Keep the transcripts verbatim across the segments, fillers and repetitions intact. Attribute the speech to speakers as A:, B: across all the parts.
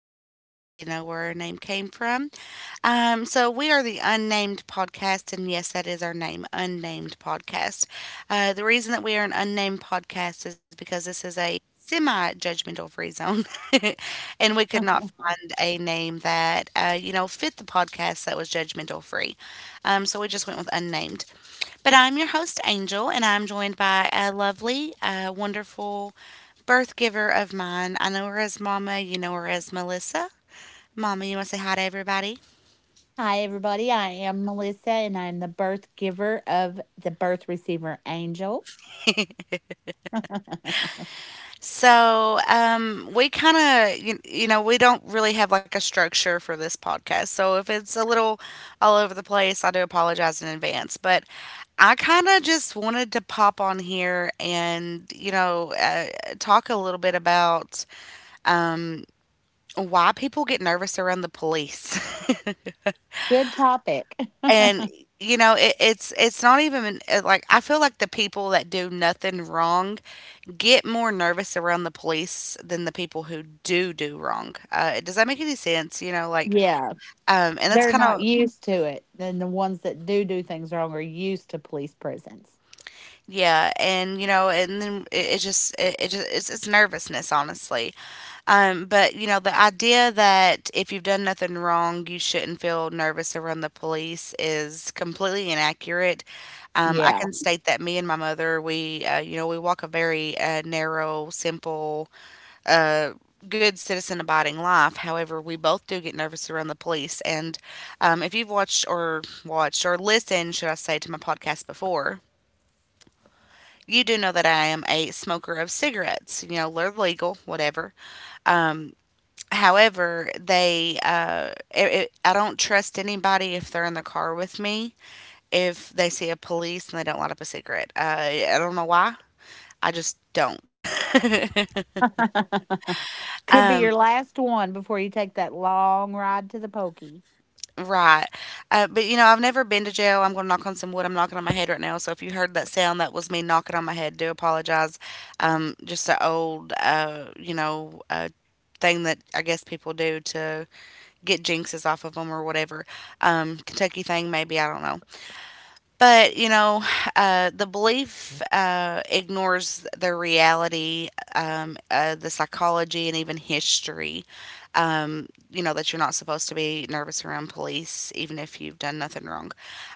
A: to let everybody know where our name came from. Um, so, we are the Unnamed Podcast, and yes, that is our name, Unnamed Podcast. Uh, the reason that we are an Unnamed Podcast is because this is a semi judgmental free zone. And we could not find a name that, uh, you know, fit the podcast that was judgmental free. Um, so, we just went with Unnamed. But I'm your host, Angel, and I'm joined by a lovely, uh, wonderful birth giver of mine. I know her as Mama, you know her as Melissa. Mama, you want to say hi to everybody?
B: Hi, everybody. I am Melissa, and I'm the birth giver of the birth receiver Angel.
A: So, um, we kind of, you, you know, we don't really have like a structure for this podcast. So, if it's a little all over the place, I do apologize in advance. But I kind of just wanted to pop on here and, you know, uh, talk a little bit about why people get nervous around the police.
B: Good topic.
A: And, you know, it, it's it's not even uh, like I feel like the people that do nothing wrong get more nervous around the police than the people who do do wrong. Uh, does that make any sense? You know, like,
B: Yeah,
A: um, and that's
B: they're
A: kind
B: not
A: of
B: used to it. And the ones that do do things wrong are used to police prisons.
A: yeah, and you know, and then it, it just it, it just it's, it's nervousness, honestly. Um, but you know, the idea that if you've done nothing wrong, you shouldn't feel nervous around the police is completely inaccurate. Um, I
B: Yeah.
A: can state that me and my mother, we, uh, you know, we walk a very uh, narrow, simple, uh, good citizen abiding life. However, we both do get nervous around the police. And um, if you've watched or watched or listened, should I say, to my podcast before, you do know that I am a smoker of cigarettes. You know, they're legal, whatever. Um, However, they uh, it, it, I don't trust anybody if they're in the car with me. If they see a police and they don't light up a cigarette, uh, I don't know why. I just don't.
B: Could be
A: um,
B: your last one before you take that long ride to the pokey.
A: right. Uh, but you know, I've never been to jail. I'm going to knock on some wood. I'm knocking on my head right now. So if you heard that sound, that was me knocking on my head. Do apologize. Um, just an old, uh, you know, uh, thing that I guess people do to get jinxes off of them or whatever. Um, Kentucky thing, maybe. I don't know. But, you know, uh, the belief uh, ignores the reality, um, uh, the psychology, and even history. Um, you know, that you're not supposed to be nervous around police, even if you've done nothing wrong.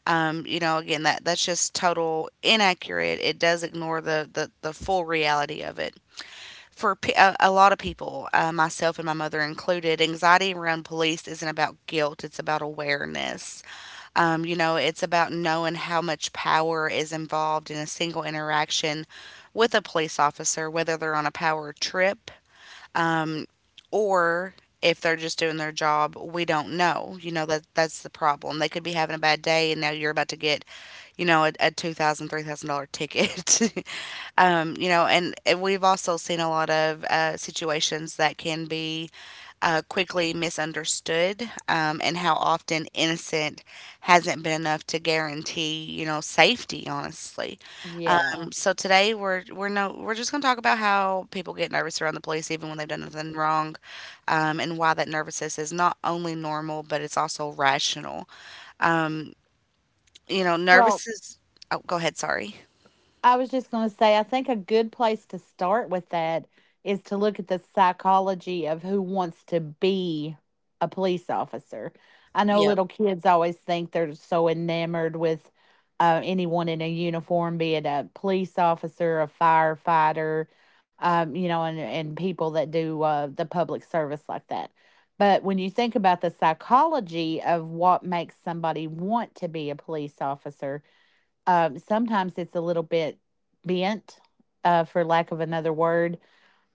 A: Um, you know, again, that, that's just total inaccurate. It does ignore the, the, the full reality of it. For pe- a a lot of people, uh, myself and my mother included, anxiety around police isn't about guilt, it's about awareness. Um, you know, it's about knowing how much power is involved in a single interaction with a police officer, whether they're on a power trip or if they're just doing their job, we don't know. You know, that that's the problem. They could be having a bad day, and now you're about to get, you know, a, a two thousand, three thousand dollar ticket. Um, you know, and we've also seen a lot of uh, situations that can be uh, quickly misunderstood, um, and how often innocent hasn't been enough to guarantee, you know, safety. Honestly,
B: Yeah.
A: um, so today we're we're no we're just gonna talk about how people get nervous around the police even when they've done nothing wrong, um, and why that nervousness is not only normal, but it's also rational. Um, you know,
B: Well,
A: nervous is, oh, go ahead, sorry.
B: I was just going to say, I think a good place to start with that is to look at the psychology of who wants to be a police officer. I know
A: Yep.
B: little kids always think they're so enamored with uh, anyone in a uniform, be it a police officer, a firefighter, um, you know, and, and people that do uh, the public service like that. But when you think about the psychology of what makes somebody want to be a police officer, um, sometimes it's a little bit bent, uh, for lack of another word.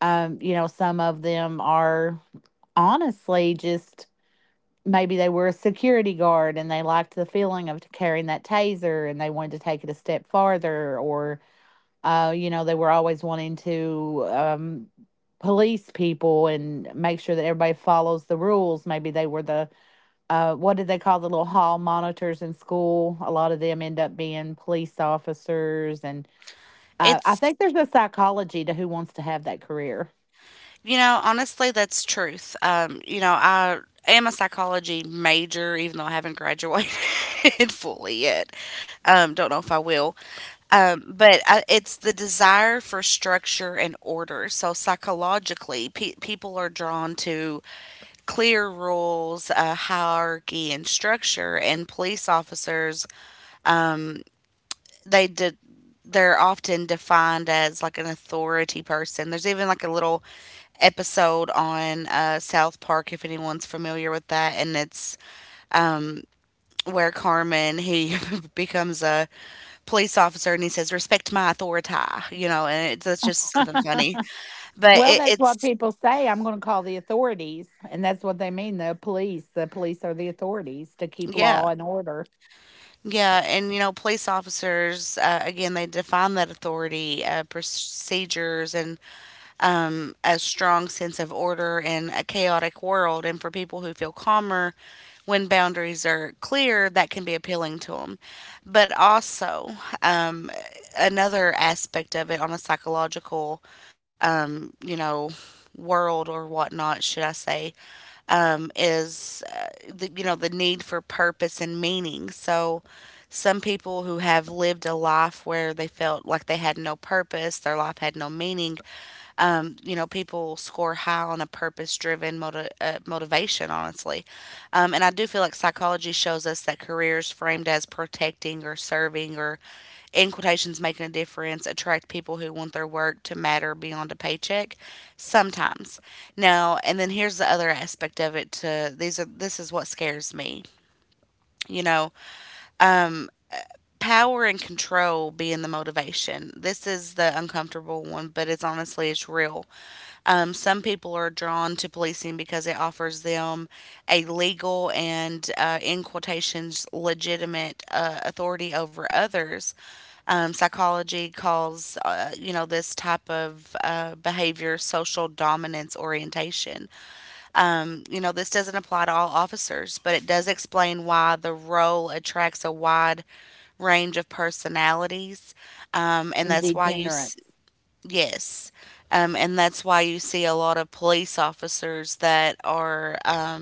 B: Um, you know, some of them are honestly just maybe they were a security guard and they liked the feeling of carrying that taser and they wanted to take it a step farther, or, uh, you know, they were always wanting to um, police people and make sure that everybody follows the rules. Maybe they were the uh, what did they call the little hall monitors in school? A lot of them end up being police officers, and uh, I
A: It's,
B: think there's a psychology to who wants to have that career.
A: you know, honestly, that's truth. Um, you know, I am a psychology major, even though I haven't graduated fully yet. Um, don't know if I will. Um, but I, it's the desire for structure and order. So psychologically, pe- people are drawn to clear rules, a hierarchy and structure, and police officers, um, they did. They're often defined as like an authority person. There's even like a little episode on uh, South Park, if anyone's familiar with that, and it's um, where Carmen he becomes a police officer and he says, "Respect my authority," you know, and it, that's just something funny. But
B: Well,
A: it,
B: that's what
A: it's
B: people say. I'm going to call the authorities. And that's what they mean, the police. The police are the authorities to keep
A: Yeah.
B: law and order
A: Yeah, and you know, police officers, uh, again, they define that authority, uh, procedures, and um, a strong sense of order in a chaotic world. And for people who feel calmer when boundaries are clear, that can be appealing to them. But also, um, another aspect of it on a psychological, um, you know, world or whatnot, should I say, um, is uh, the, you know, the need for purpose and meaning. So some people who have lived a life where they felt like they had no purpose, their life had no meaning, um, you know, people score high on a purpose-driven moti uh, motivation, honestly. Um, and I do feel like psychology shows us that careers framed as protecting or serving or in quotations making a difference attract people who want their work to matter beyond a paycheck sometimes. Now and then, here's the other aspect of it to. These are, this is what scares me, you know, power and control being the motivation. This is the uncomfortable one, but it's honestly, it's real. Um, some people are drawn to policing because it offers them a legal and, uh, in quotations, legitimate uh, authority over others. Um, psychology calls, uh, you know, this type of uh, behavior social dominance orientation. Um, you know, this doesn't apply to all officers, but it does explain why the role attracts a wide range of personalities, um, and
B: and
A: that's why you
B: degenerates.
A: Yes. Um, and that's why you see a lot of police officers that are uh,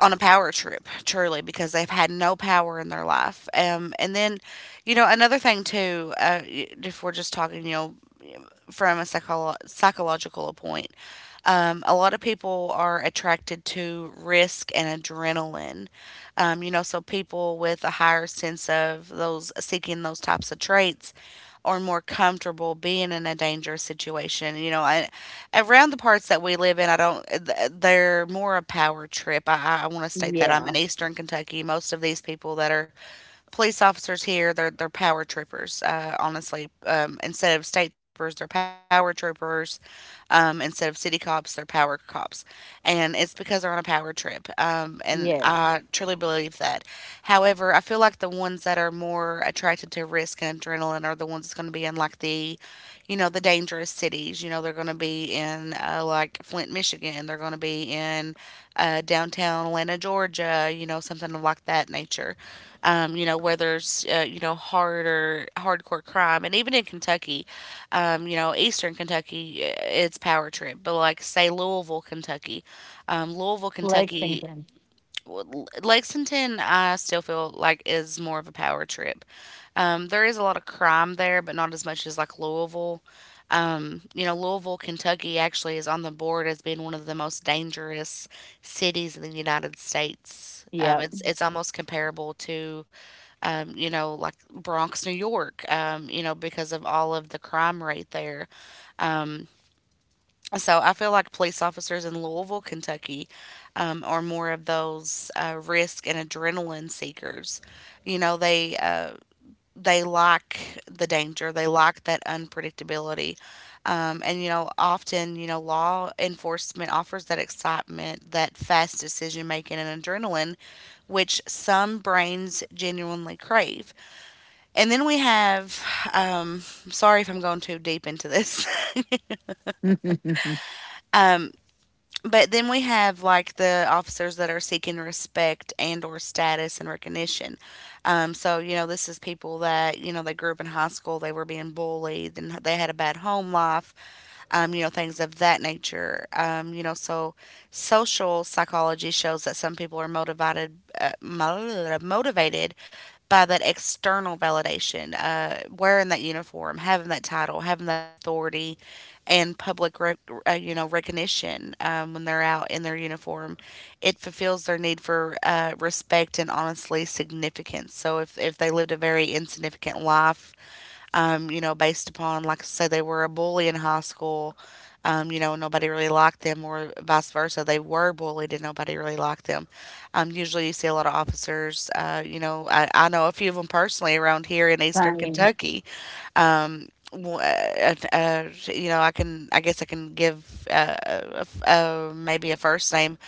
A: on a power trip, truly, because they've had no power in their life. Um, and then, you know, another thing too, uh, y- if we're just talking, you know, from a psycholo- psychological point. Um, a lot of people are attracted to risk and adrenaline. Um, you know, so people with a higher sense of those seeking those types of traits are more comfortable being in a dangerous situation. You know, I, around the parts that we live in, I don't, th- they're more a power trip. I, I want to state that I'm
B: Yeah.
A: in Eastern Kentucky. Most of these people that are police officers here, they're they're power troopers, uh, honestly. Um, instead of state troopers they're power troopers, um, instead of city cops they're power cops, and it's because they're on a power trip. Um, and I
B: Yes.
A: truly believe that. However, I feel like the ones that are more attracted to risk and adrenaline are the ones that's going to be in like the you know the dangerous cities. You know, they're going to be in uh, like Flint, Michigan. They're going to be in uh, downtown Atlanta, Georgia, you know, something of like that nature. Um, you know, where there's, uh, you know, harder, hardcore crime. And even in Kentucky, um, you know, Eastern Kentucky, uh, it's power trip. But like, say, Louisville, Kentucky, um, Louisville, Kentucky,
B: Lexington.
A: w- L- Lexington, I still feel like is more of a power trip. Um, there is a lot of crime there, but not as much as like Louisville. Um, you know, Louisville, Kentucky actually is on the board as being one of the most dangerous cities in the United States. Um,
B: Yep.
A: it's it's almost comparable to um, you know, like Bronx, New York, um, you know, because of all of the crime rate there. So I feel like police officers in Louisville, Kentucky, um, are more of those uh, risk and adrenaline seekers. You know, they uh, they like the danger, they like that unpredictability, um, and you know, often you know, law enforcement offers that excitement, that fast decision making, and adrenaline, which some brains genuinely crave. And then we have, um, sorry if I'm going too deep into this. um, but then we have like the officers that are seeking respect and or status and recognition. Um, so you know, this is people that, you know, they grew up in high school, they were being bullied and they had a bad home life, um, you know, things of that nature. Um, you know, so social psychology shows that some people are motivated uh, mo- motivated by that external validation, uh, wearing that uniform, having that title, having that authority, and public, rec- uh, you know, recognition um, when they're out in their uniform. It fulfills their need for uh, respect and honestly significance. So if, if they lived a very insignificant life, um, you know, based upon, like I say, they were a bully in high school, um, you know, nobody really liked them, or vice versa, they were bullied and nobody really liked them. Um, usually, you see a lot of officers. Uh, you know, I, I know a few of them personally around here in Eastern
B: Same.
A: Kentucky. um, w- uh, uh, uh, you know, I can, I guess I can give uh, a f uh, maybe a first name.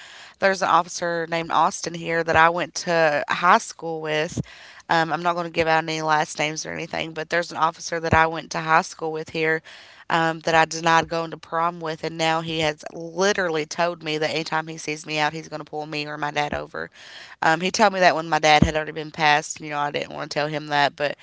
A: There's an officer named Austin here that I went to high school with. Um, I'm not going to give out any last names or anything, but there's an officer that I went to high school with here um, that I denied going to prom with, and now he has literally told me that anytime he sees me out, he's going to pull me or my dad over. Um, he told me that when my dad had already been passed. You know, I didn't want to tell him that, but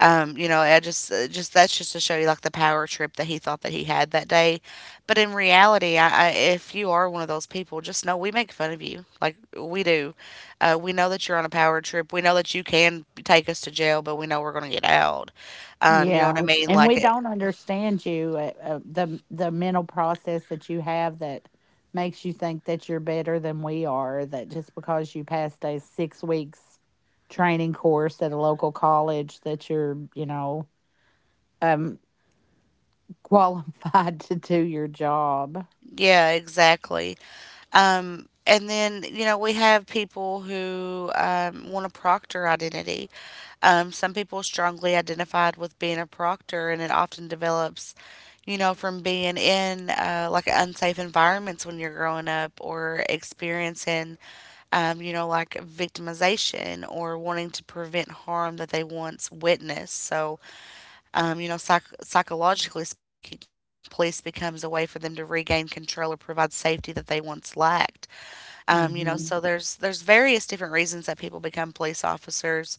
A: um, you know, I just, uh, just that's just to show you like the power trip that he thought that he had that day. But in reality, I, I, if you are one of those people, just know we make fun of you. Like we do. Uh, we know that you're on a power trip. We know that you can take us to jail, but we know we're going to get out. Um, you know
B: Yeah,
A: what I mean?
B: and we
A: Like, it-
B: don't understand you, uh, uh, the the mental process that you have that makes you think that you're better than we are, that just because you passed a 6 weeks training course at a local college that you're, you know, um, qualified to do your job.
A: yeah, exactly. Um, and then, you know, we have people who um, want to proctor identity. Um, some people strongly identified with being a proctor, and it often develops, you know, from being in uh, like unsafe environments when you're growing up or experiencing, um, you know, like victimization or wanting to prevent harm that they once witnessed. So, um, you know, psych- psychologically speaking, police becomes a way for them to regain control or provide safety that they once lacked. Um, you know, so
B: Mhm.
A: there's there's various different reasons that people become police officers.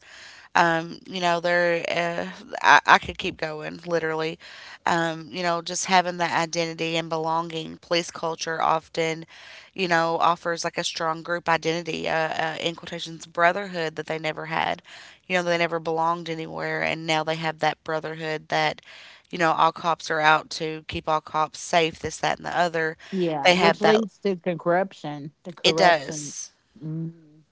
A: Um, you know, there, uh, I, I could keep going, literally. Um, you know, just having that identity and belonging. Police culture often, you know, offers like a strong group identity, uh, uh, in quotations, brotherhood that they never had. You know, they never belonged anywhere, and now they have that brotherhood that, you know, all cops are out to keep all cops safe, this, that, and the other.
B: Yeah,
A: They have
B: which
A: that.
B: leads to corruption. The
A: It
B: corruption.
A: does.
B: Mhm.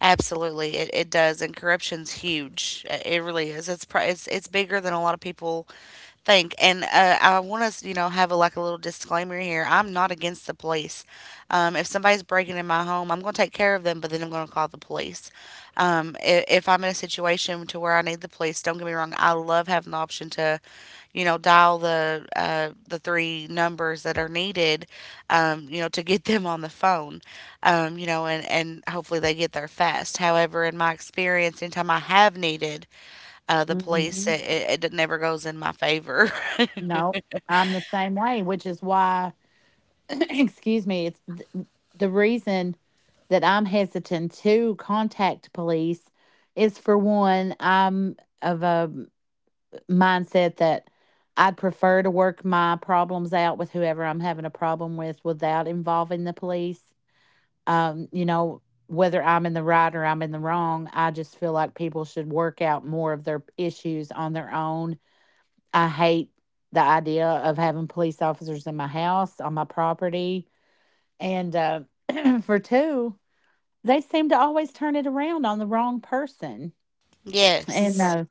A: Absolutely, it, it does, and corruption's huge. Uh, It really is. It's pri- it's it's bigger than a lot of people think. And uh, I want to, you know, have a, like a little disclaimer here. I'm not against the police. Um, if somebody's breaking in my home, I'm going to take care of them, but then I'm going to call the police. Um, if, if I'm in a situation to where I need the police, don't get me wrong. I love having the option to, you know, dial the uh, the three numbers that are needed, um, you know, to get them on the phone, um, you know, and and hopefully they get there fast. However, in my experience, anytime I have needed uh, the police,
B: Mhm.
A: it, it, it never goes in my favor.
B: No, I'm the same way, which is why excuse me, it's th- the reason that I'm hesitant to contact police is, for one, I'm of a mindset that I'd prefer to work my problems out with whoever I'm having a problem with without involving the police. Um, you know, whether I'm in the right or I'm in the wrong, I just feel like people should work out more of their issues on their own. I hate the idea of having police officers in my house, on my property, and, uh, for two, they seem to always turn it around on the wrong person, and,
A: yes.
B: uh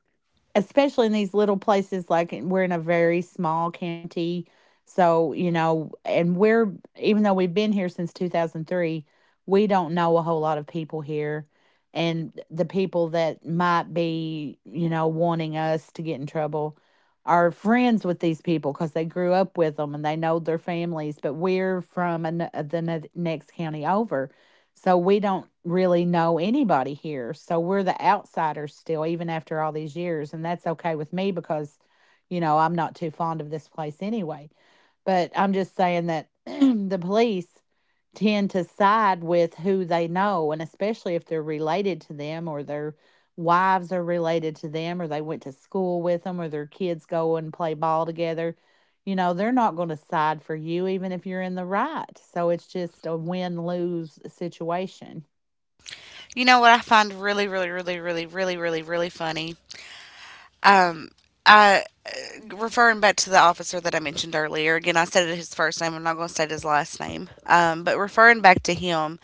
B: especially in these little places, like we're in a very small county. So, you know and, we're even though we've been here since two thousand three, we don't know a whole lot of people here, and the people that might be, you know wanting us to get in trouble, are friends with these people because they grew up with them and they know their families. But we're from an, the ne- next county over, so we don't really know anybody here. So we're the outsiders still, even after all these years. And that's okay with me because, you know, I'm not too fond of this place anyway. But I'm just saying that the police tend to side with who they know, and especially if they're related to them, or their wives are related to them, or they went to school with them, or their kids go and play ball together. you know, they're not gonna side for you even if you're in the right, so it's just a win-lose situation.
A: You know what I find really, really, really, really, really, really, really funny? Um, I referring back to the officer that I mentioned earlier. Again, I said his first name. I'm not going to say his last name. Um, but referring back to him,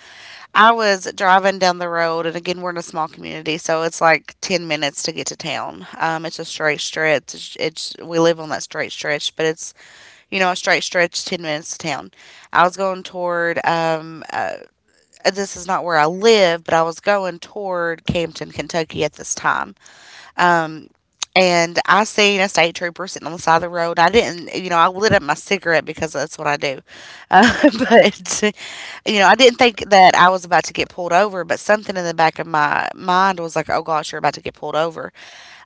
A: I was driving down the road, and again, we're in a small community, so it's like ten minutes to get to town. Um, it's a straight stretch. It's, it's we live on that straight stretch, but it's you know, a straight stretch, ten minutes to town. I was going toward, um, uh, this is not where I live, but I was going toward Campton, Kentucky at this time. Um, and I seen a state trooper sitting on the side of the road. I didn't, you know, I lit up my cigarette because that's what I do. Uh, but, you know, I didn't think that I was about to get pulled over, but something in the back of my mind was like, oh gosh, you're about to get pulled over.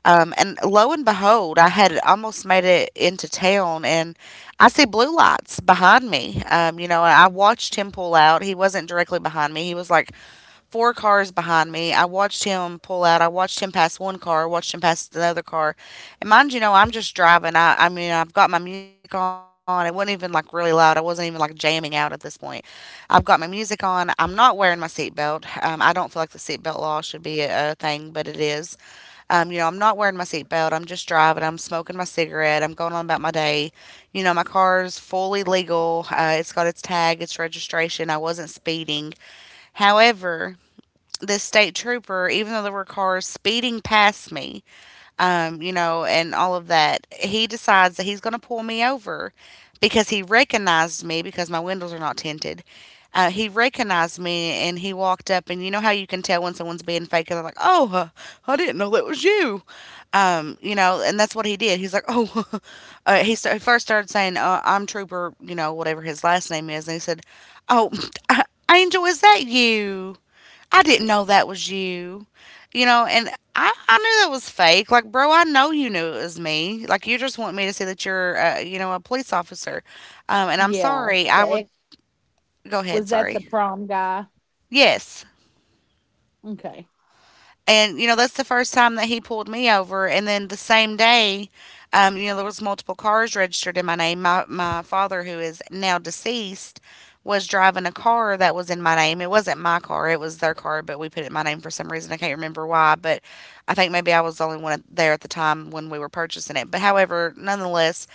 A: Um, and lo and behold, I had almost made it into town, and I see blue lights behind me. Um, you know, and I watched him pull out. He wasn't directly behind me. He was like four cars behind me. I watched him pull out. I watched him pass one car. Watched him pass another car. And mind you, know I'm just driving. I, I mean, I've got my music on. It wasn't even like really loud. I wasn't even like jamming out at this point. I've got my music on. I'm not wearing my seatbelt. Um, I don't feel like the seatbelt law should be a, a thing, but it is. Um, you know, I'm not wearing my seatbelt. I'm just driving. I'm smoking my cigarette. I'm going on about my day. You know, my car's fully legal. Uh, it's got its tag, its registration. I wasn't speeding. However, this state trooper, even though there were cars speeding past me, um, you know, and all of that. He decides that he's going to pull me over because he recognized me because my windows are not tinted. Uh, he recognized me and he walked up, and you know how you can tell when someone's being fake, and they're like, "Oh, uh, I didn't know that was you," um, you know, and that's what he did. He's like, "Oh," uh, he, st- he first started saying, uh, "I'm Trooper," you know, whatever his last name is, and he said, "Oh, Angel, is that you?" I didn't know that was you. You know, and I, I knew that was fake. Like, bro, I know you knew it was me. Like, you just want me to say that you're, uh, you know, a police officer. Um, and I'm
B: Yeah,
A: sorry. I
B: the
A: would
B: ex
A: go ahead.
B: was that the
A: Sorry.
B: prom guy?
A: Yes.
B: Okay.
A: And, you know, that's the first time that he pulled me over. And then the same day, um, you know, there was multiple cars registered in my name. My, my father, who is now deceased, was driving a car that was in my name. It wasn't my car. It was their car, but we put it in my name for some reason. I can't remember why, but I think maybe I was the only one there at the time when we were purchasing it. But however, nonetheless,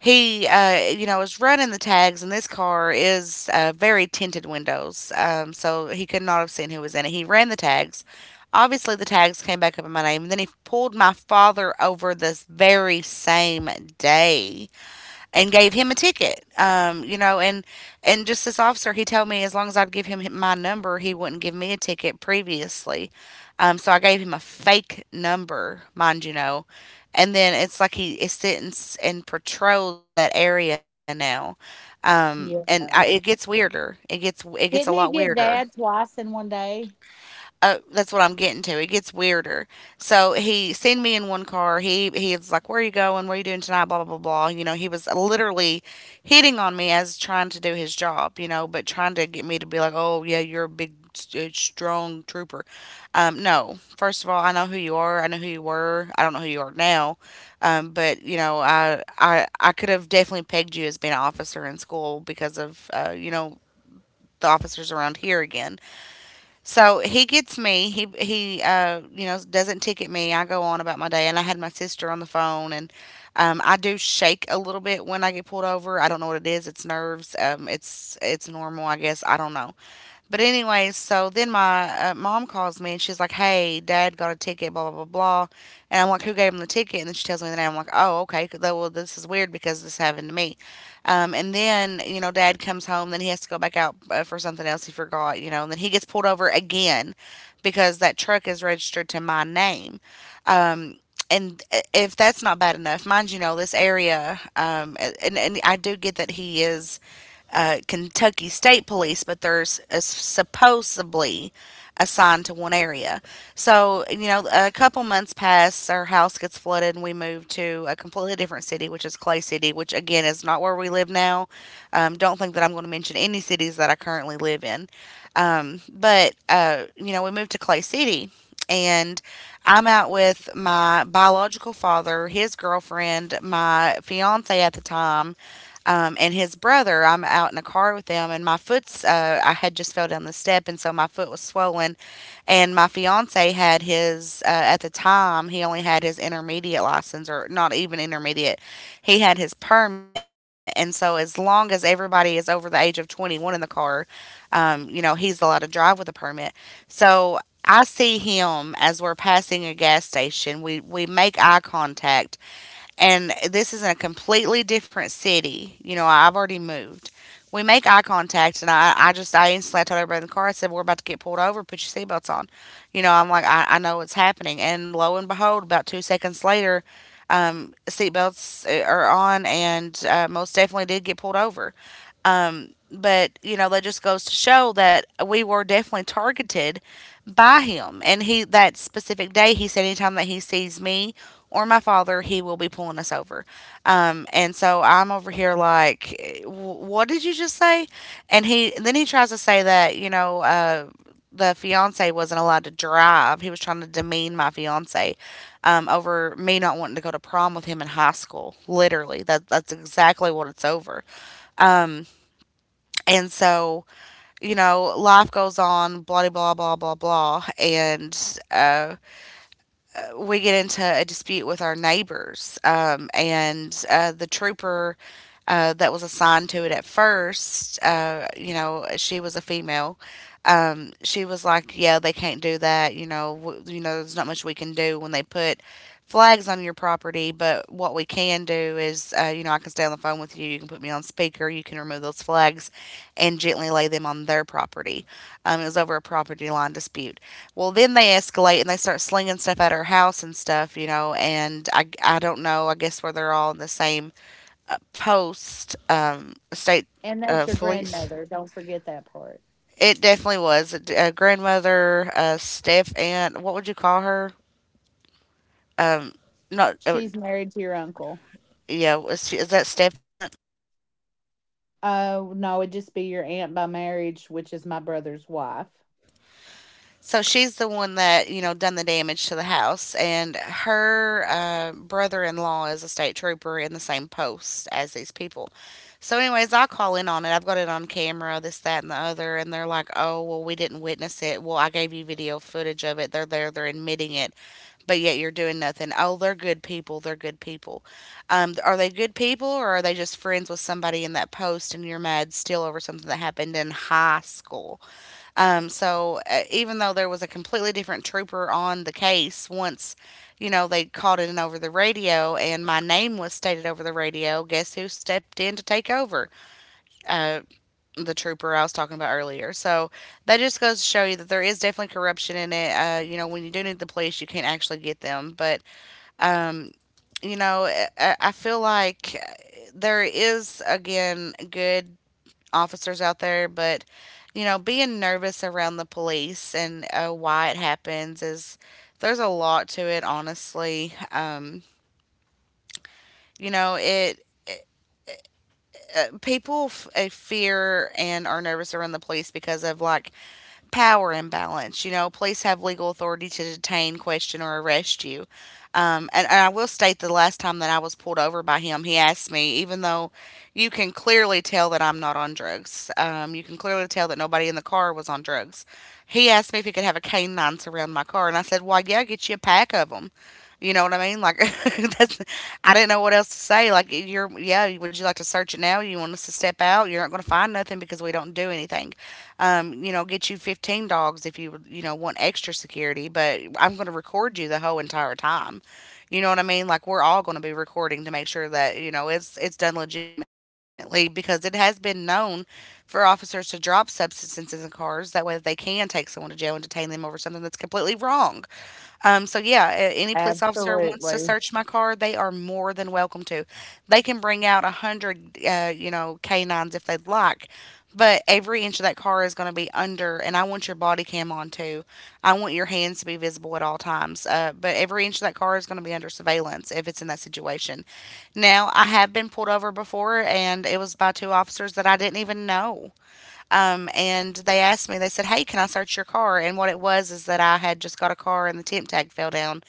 A: he uh, you know was running the tags and this car is uh, very tinted windows um, so he could not have seen who was in it. He ran the tags, obviously the tags came back up in my name, and then he pulled my father over this very same day and gave him a ticket. Um, you know, and and just this officer, he told me as long as I'd give him hi- my number, he wouldn't give me a ticket previously. Um, so I gave him a fake number, mind you know, and then it's like he is sitting s- and patrols that area now. Um, and I, it
B: Yeah.
A: gets weirder. It gets it gets a lot
B: Didn't he get
A: weirder.
B: dad twice in one day?
A: Uh, that's what I'm getting to. It gets weirder. So he seen me in one car. He he was like, "Where are you going? What are you doing tonight?" Blah blah blah blah. You know, he was literally hitting on me as trying to do his job. You know, but trying to get me to be like, "Oh yeah, you're a big, st- strong trooper." Um, no, first of all, I know who you are. I know who you were. I don't know who you are now. Um, but you know, I I I could have definitely pegged you as being an officer in school because of uh, you know the officers around here again. So he gets me. He he uh you know doesn't ticket me. I go on about my day, and I had my sister on the phone, and um, I do shake a little bit when I get pulled over. I don't know what it is. It's nerves. Um, it's it's normal, I guess. I don't know. But anyway, so then my uh, mom calls me and she's like, "Hey, Dad got a ticket, blah blah blah blah," and I'm like, "Who gave him the ticket?" And then she tells me the name. I'm like, "Oh, okay. 'cause- that- Well, this is weird because this happened to me." Um, and then, you know, dad comes home, then he has to go back out uh, for something else he forgot, you know, and then he gets pulled over again because that truck is registered to my name. Um, and uh, if that's not bad enough, mind you, know this area, um, and, and I do get that he is uh, Kentucky State Police, but there's uh, supposedly assigned to one area. So, you know, a couple months pass, our house gets flooded and we move to a completely different city, which is Clay City, which again is not where we live now. Um, don't think that I'm going to mention any cities that I currently live in. Um, but, uh, you know, we moved to Clay City and I'm out with my biological father, his girlfriend, my fiance at the time, um, and his brother. I'm out in a car with them, and my foot's, uh, I had just fell down the step, and so my foot was swollen. And my fiance had his, uh, at the time, he only had his intermediate license, or not even intermediate. He had his permit. And so, as long as everybody is over the age of twenty-one in the car, um, you know, he's allowed to drive with a permit. So, I see him as we're passing a gas station. We we make eye contact, and this is in a completely different city. You know, I've already moved. We make eye contact, and I, I just, I instantly told everybody in the car. I said, "We're about to get pulled over, put your seatbelts on." You know, I'm like, I, I know what's happening. And lo and behold, about two seconds later, um, seatbelts uh, are on, and uh, most definitely did get pulled over. Um, but you know that just goes to show that we were definitely targeted by him. And he, that specific day, he said anytime that he sees me or my father, he will be pulling us over. Um, and so I'm over here like, "Eh, wh- what did you just say?" And he and then he tries to say that, you know. Uh, the fiance wasn't allowed to drive. He was trying to demean my fiance um, over me not wanting to go to prom with him in high school. Literally, that that's exactly what it's over. And so, you know, life goes on, blah, blah, blah, blah, blah. And uh, uh, we get into a dispute with our neighbors, um, and uh, the trooper uh, that was assigned to it at first, uh, you know, she was a female. Um, she was like, "Yeah, they can't do that. You know, w- you know, there's not much we can do when they put flags on your property. But what we can do is, uh, you know, I can stay on the phone with you. You can put me on speaker. You can remove those flags, and gently lay them on their property." Um, it was over a property line dispute. Well, then they escalate and they start slinging stuff at her house and stuff, you know. And I, I don't know. I guess where they're all in the same uh, post, um, state
B: And
A: uh,
B: that's your
A: police.
B: grandmother, don't forget that part.
A: It definitely was a, a grandmother, a step aunt. What would you call her? Um, not uh,
B: She's married to your uncle.
A: yeah. Was she, is that step aunt?
B: Oh, no, it'd just be your aunt by marriage, which is my brother's wife.
A: So she's the one that, you know, done the damage to the house, and her uh, brother-in-law is a state trooper in the same post as these people. So, anyways, I call in on it. I've got it on camera, this, that, and the other, and they're like, "Oh, well, we didn't witness it." Well, I gave you video footage of it. They're there, they're admitting it, but yet you're doing nothing. "Oh, they're good people. They're good people." Um, are they good people, or are they just friends with somebody in that post, and you're mad still over something that happened in high school? Um, so uh, even though there was a completely different trooper on the case, once, you know, they called it in over the radio and my name was stated over the radio, guess who stepped in to take over? Uh, the trooper I was talking about earlier. So that just goes to show you that there is definitely corruption in it. Uh, you know, when you do need the police, you can't actually get them. But, you know, I, I feel like there is, again, good officers out there, but, you know, being nervous around the police and uh, why it happens is there's a lot to it, honestly. Um, you know, it uh, people f- uh, fear and are nervous around the police because of, like, power imbalance. You know, police have legal authority to detain, question, or arrest you. Um, and, and I will state the last time that I was pulled over by him, he asked me, even though you can clearly tell that I'm not on drugs, um, you can clearly tell that nobody in the car was on drugs. He asked me if he could have a canine surround my car, and I said, "Why, yeah, get you a pack of them." You know what I mean? Like that's, I didn't know what else to say. Like, you're, yeah. Would you like to search it now? You want us to step out? You're not going to find nothing because we don't do anything. um, you know, get you fifteen dogs if you, you know, want extra security, but I'm going to record you the whole entire time. You know what I mean? Like, we're all going to be recording to make sure that, you know, it's it's done legitimately, because it has been known for officers to drop substances in cars that way, that they can take someone to jail and detain them over something that's completely wrong. Um, so yeah, a- any police officer wants to
B: Absolutely.
A: search my car, they are more than welcome to. They can bring out a hundred, uh, you know, canines if they'd like, but every inch of that car is going to be under. And I want your body cam on too. I want your hands to be visible at all times. Uh, but every inch of that car is going to be under surveillance if it's in that situation. Now, I have been pulled over before, and it was by two officers that I didn't even know. Um, and they asked me, they said, "Hey, can I search your car?" And what it was is that I had just got a car and the temp tag fell down.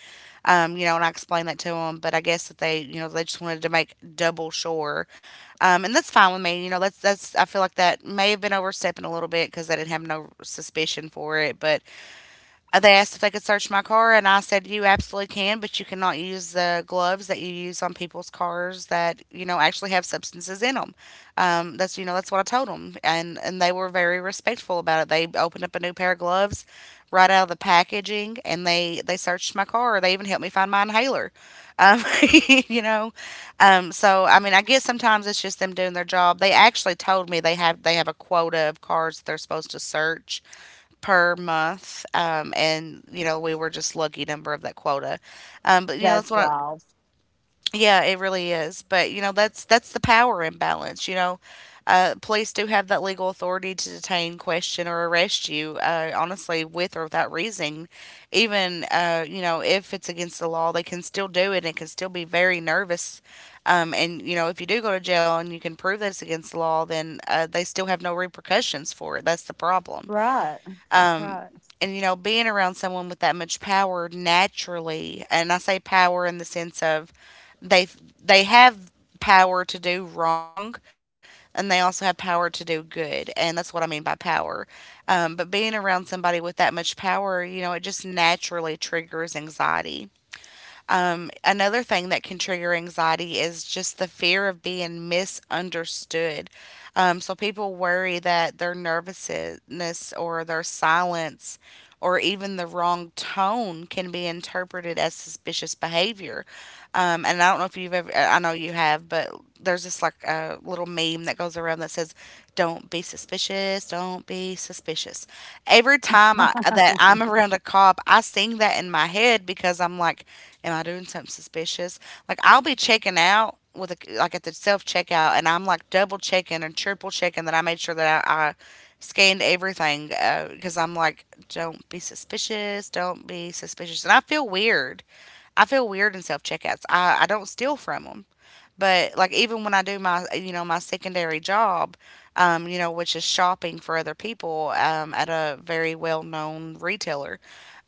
A: Um, you know, and I explained that to them, but I guess that they, you know, they just wanted to make double sure. Um, and that's fine with me. You know, that's, that's, I feel like that may have been overstepping a little bit because I didn't have no suspicion for it, but uh, they asked if they could search my car, and I said, "You absolutely can, but you cannot use the gloves that you use on people's cars that, you know, actually have substances in them." Um, that's, you know, that's what I told them. And, and they were very respectful about it. They opened up a new pair of gloves right out of the packaging, and they, they searched my car. They even helped me find my inhaler. Um, you know, um, so I mean, I guess sometimes it's just them doing their job. They actually told me they have they have a quota of cars that they're supposed to search per month. Um, and, you know, we were just lucky number of that quota. Um, but, you know, that's
B: That's
A: what,
B: wild.
A: I, yeah, it really is. But, you know, that's, that's the power imbalance, you know. Uh, police do have that legal authority to detain, question, or arrest you, uh, honestly, with or without reason. Even, uh, you know, if it's against the law, they can still do it and it can still be very nervous. Um, and, you know, if you do go to jail and you can prove that it's against the law, then uh, they still have no repercussions for it. That's the problem.
B: Right, right.
A: And, you know, being around someone with that much power naturally, and I say power in the sense of, they they have power to do wrong, and they also have power to do good, and that's what I mean by power. um, but being around somebody with that much power, you know, it just naturally triggers anxiety. um, another thing that can trigger anxiety is just the fear of being misunderstood. Um, so people worry that their nervousness or their silence or even the wrong tone can be interpreted as suspicious behavior. Um, and I don't know if you've ever, I know you have, but there's this, like, a little meme that goes around that says, don't be suspicious suspicious. Don't be suspicious. Every time I, that I'm around a cop, I sing that in my head because I'm like, am I doing something suspicious? Like I'll be checking out with a, like at the self checkout, and I'm like double checking and triple checking that I made sure that I, I scanned everything uh, because I'm like, don't be suspicious. Don't be suspicious. And I feel weird. I feel weird in self checkouts. I I don't steal from them. But like even when I do my you know my secondary job, um, you know, which is shopping for other people um, at a very well known retailer,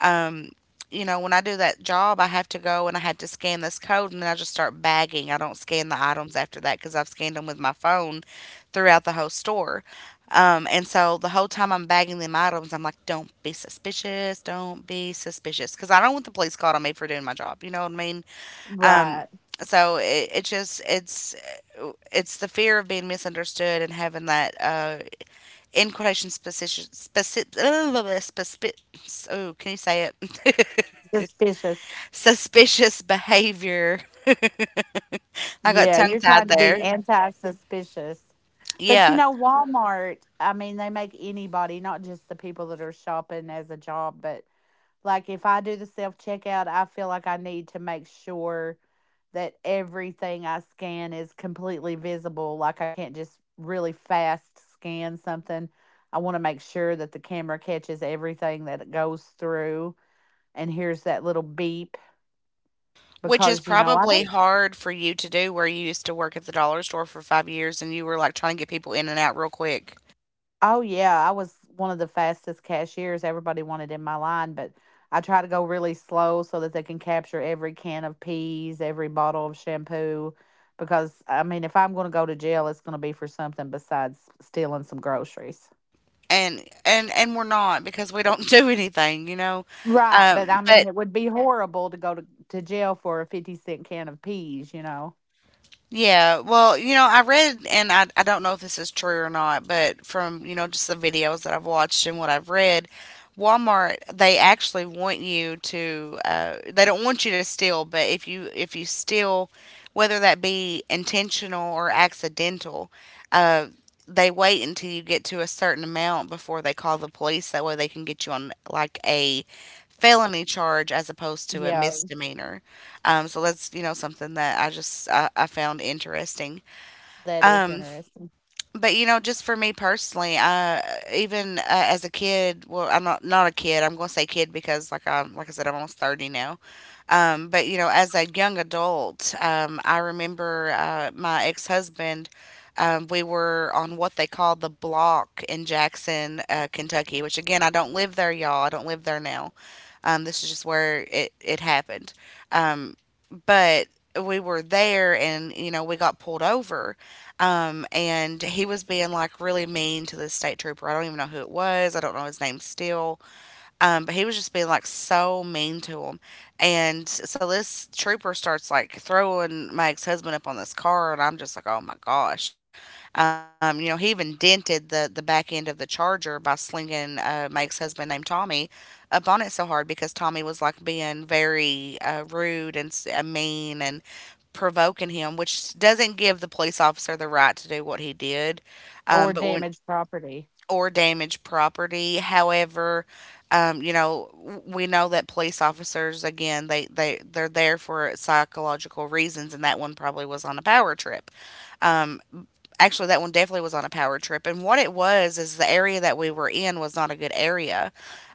A: um, you know, when I do that job, I have to go and I had to scan this code and then I just start bagging. I don't scan the items after that because I've scanned them with my phone throughout the whole store. Um, and so the whole time I'm bagging them items, I'm like, don't be suspicious, don't be suspicious. Because I don't want the police called on me for doing my job. You know what I mean? Um,
B: Right.
A: so it, it just it's it's the fear of being misunderstood and having that uh, in quotation suspicious specific, oh can you say it.
B: Suspicious.
A: Suspicious behavior. I got
B: Yeah,
A: tongue
B: you're
A: tied
B: trying to be
A: there.
B: anti suspicious. But, you
A: Yeah.
B: know, Walmart, I mean, they make anybody, not just the people that are shopping as a job, but like, if I do the self checkout, I feel like I need to make sure that everything I scan is completely visible. Like, I can't just really fast scan something. I want to make sure that the camera catches everything that it goes through and hears that little beep
A: Which is
B: because, you know, I
A: probably
B: don't.
A: hard for you to do where you used to work at the dollar store for five years and you were like trying to get people in and out real quick.
B: Oh yeah, I was one of the fastest cashiers. Everybody wanted in my line, but I try to go really slow so that they can capture every can of peas, every bottle of shampoo, because, I mean, if I'm going to go to jail, it's going to be for something besides stealing some groceries.
A: And and and we're not because we don't do anything, you know.
B: Right, but
A: Um,
B: I mean,
A: but
B: it would be horrible to go to, to jail for a fifty cent can of peas, you know.
A: Yeah, well, you know, I read, and I, I don't know if this is true or not, but from, you know, just the videos that I've watched and what I've read, Walmart, they actually want you to, uh, they don't want you to steal, but if you, if you steal, whether that be intentional or accidental, uh, they wait until you get to a certain amount before they call the police. That way they can get you on like a felony charge as opposed to a
B: Yeah,
A: misdemeanor. Um, so that's, you know, something that I just I, I found interesting.
B: that is
A: Um,
B: interesting.
A: but you know, just for me personally, uh, even uh, as a kid, well, I'm not not a kid. I'm gonna say kid because, like I like I said, I'm almost thirty now. Um, but you know, as a young adult, um, I remember uh, my ex husband. Um, we were on what they call the block in Jackson, uh, Kentucky, which again, I don't live there, y'all. I don't live there now. Um, this is just where it, it happened. um, but we were there and you know we got pulled over, um, and he was being like really mean to the state trooper. I don't even know who it was. I don't know his name still. Um, but he was just being like so mean to him. And so this trooper starts like throwing my ex husband up on this car, and I'm just like, oh my gosh. Um, you know, he even dented the, the back end of the charger by slinging uh, my ex husband named Tommy up on it so hard because Tommy was like being very uh, rude and s- uh, mean and provoking him, which doesn't give the police officer the right to do what he did.
B: Or
A: Um, but when
B: damaged property.
A: Or damage property. However, um, you know, we know that police officers, again, they they they're there for psychological reasons, and that one probably was on a power trip. Um, Actually, that one definitely was on a power trip, and what it was is the area that we were in was not a good area,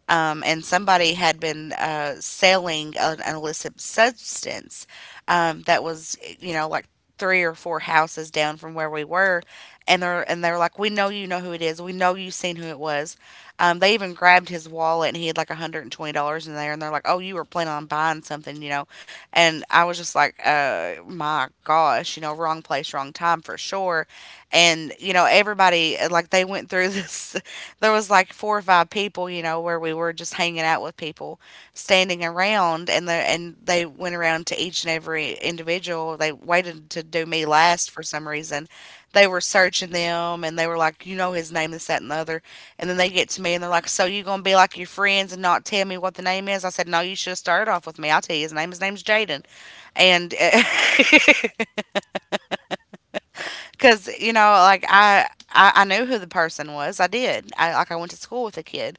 A: um, and somebody had been uh, selling an, an illicit substance um, that was, you know, like three or four houses down from where we were, and they're and they're like, we know you know who it is, we know you seen who it was. Um, they even grabbed his wallet and he had like hundred and twenty dollars in there, and they're like, oh, you were planning on buying something, you know. And I was just like, uh, my gosh, you know, wrong place, wrong time for sure. And you know, everybody, uh, like they went through this, there was like four or five people, you know, where we were just hanging out with people standing around. And the and they went around to each and every individual. They waited to do me last for some reason. They were searching them and they were like, you know, his name, this that and the other. And then they get to me and they're like, so you gonna be like your friends and not tell me what the name is? I said, no, you should have started off with me. I'll tell you his name. His name's Jaden. And uh, because you know, like I, I i knew who the person was. I did I, like i went to school with the kid.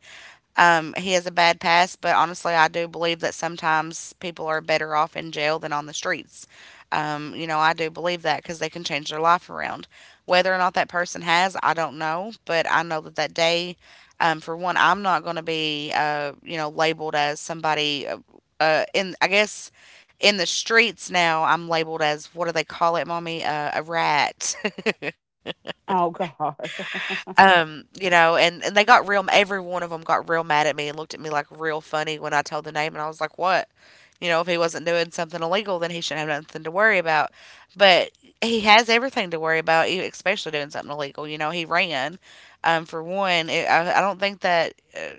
A: um He has a bad past, but honestly, I do believe that sometimes people are better off in jail than on the streets. Um you know, I do believe that because they can change their life around. Whether or not that person has, I don't know. But I know that that day, um for one, I'm not going to be uh you know, labeled as somebody, uh, uh in I guess, in the streets. Now I'm labeled as, what do they call it, mommy, uh, a rat.
B: Oh God.
A: Um, you know, and and they got real. Every one of them got real mad at me and looked at me like real funny when I told the name. And I was like, "What? You know, if he wasn't doing something illegal, then he shouldn't have nothing to worry about." But he has everything to worry about, e- especially doing something illegal. You know, he ran. Um, for one, it, I, I don't think that. uh,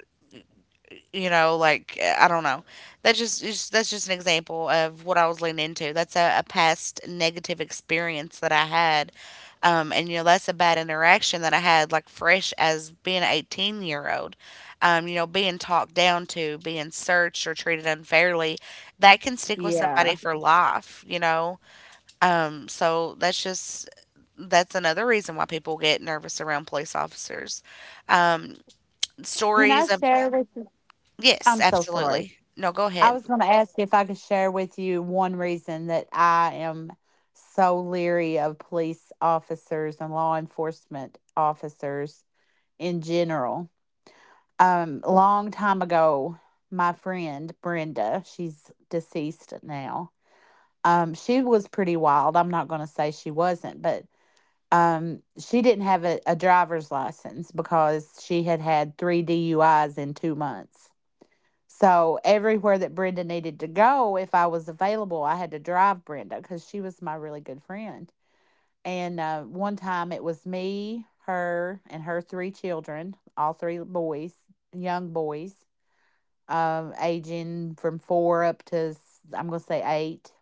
A: You know, like I don't know, that's just it's- that's just an example of what I was leaning into. That's a, a past negative experience that I had, um, and you know that's a bad interaction that I had, like fresh as being an eighteen year old. Um, you know, being talked down to, being searched or treated unfairly, that can stick with
B: Yeah.
A: somebody for life, you know. Um, so that's just, that's another reason why people get nervous around police officers. um,
B: Can I
A: Stories of.
B: share with you?
A: Yes,
B: I'm so sorry.
A: absolutely. No, go
B: I
A: ahead.
B: was going to ask if I could share with you one reason that I am so leery of police officers and law enforcement officers in general. Um, a long time ago, my friend Brenda, she's deceased now. Um, she was pretty wild. I'm not going to say she wasn't, but um, she didn't have a, a driver's license because she had had three D U Is in two months, so everywhere that Brenda needed to go, if I was available, I had to drive Brenda because she was my really good friend. And uh, one time it was me, her, and her three children, all three boys, young boys, um, aging from four up to, i I'm going to say eight.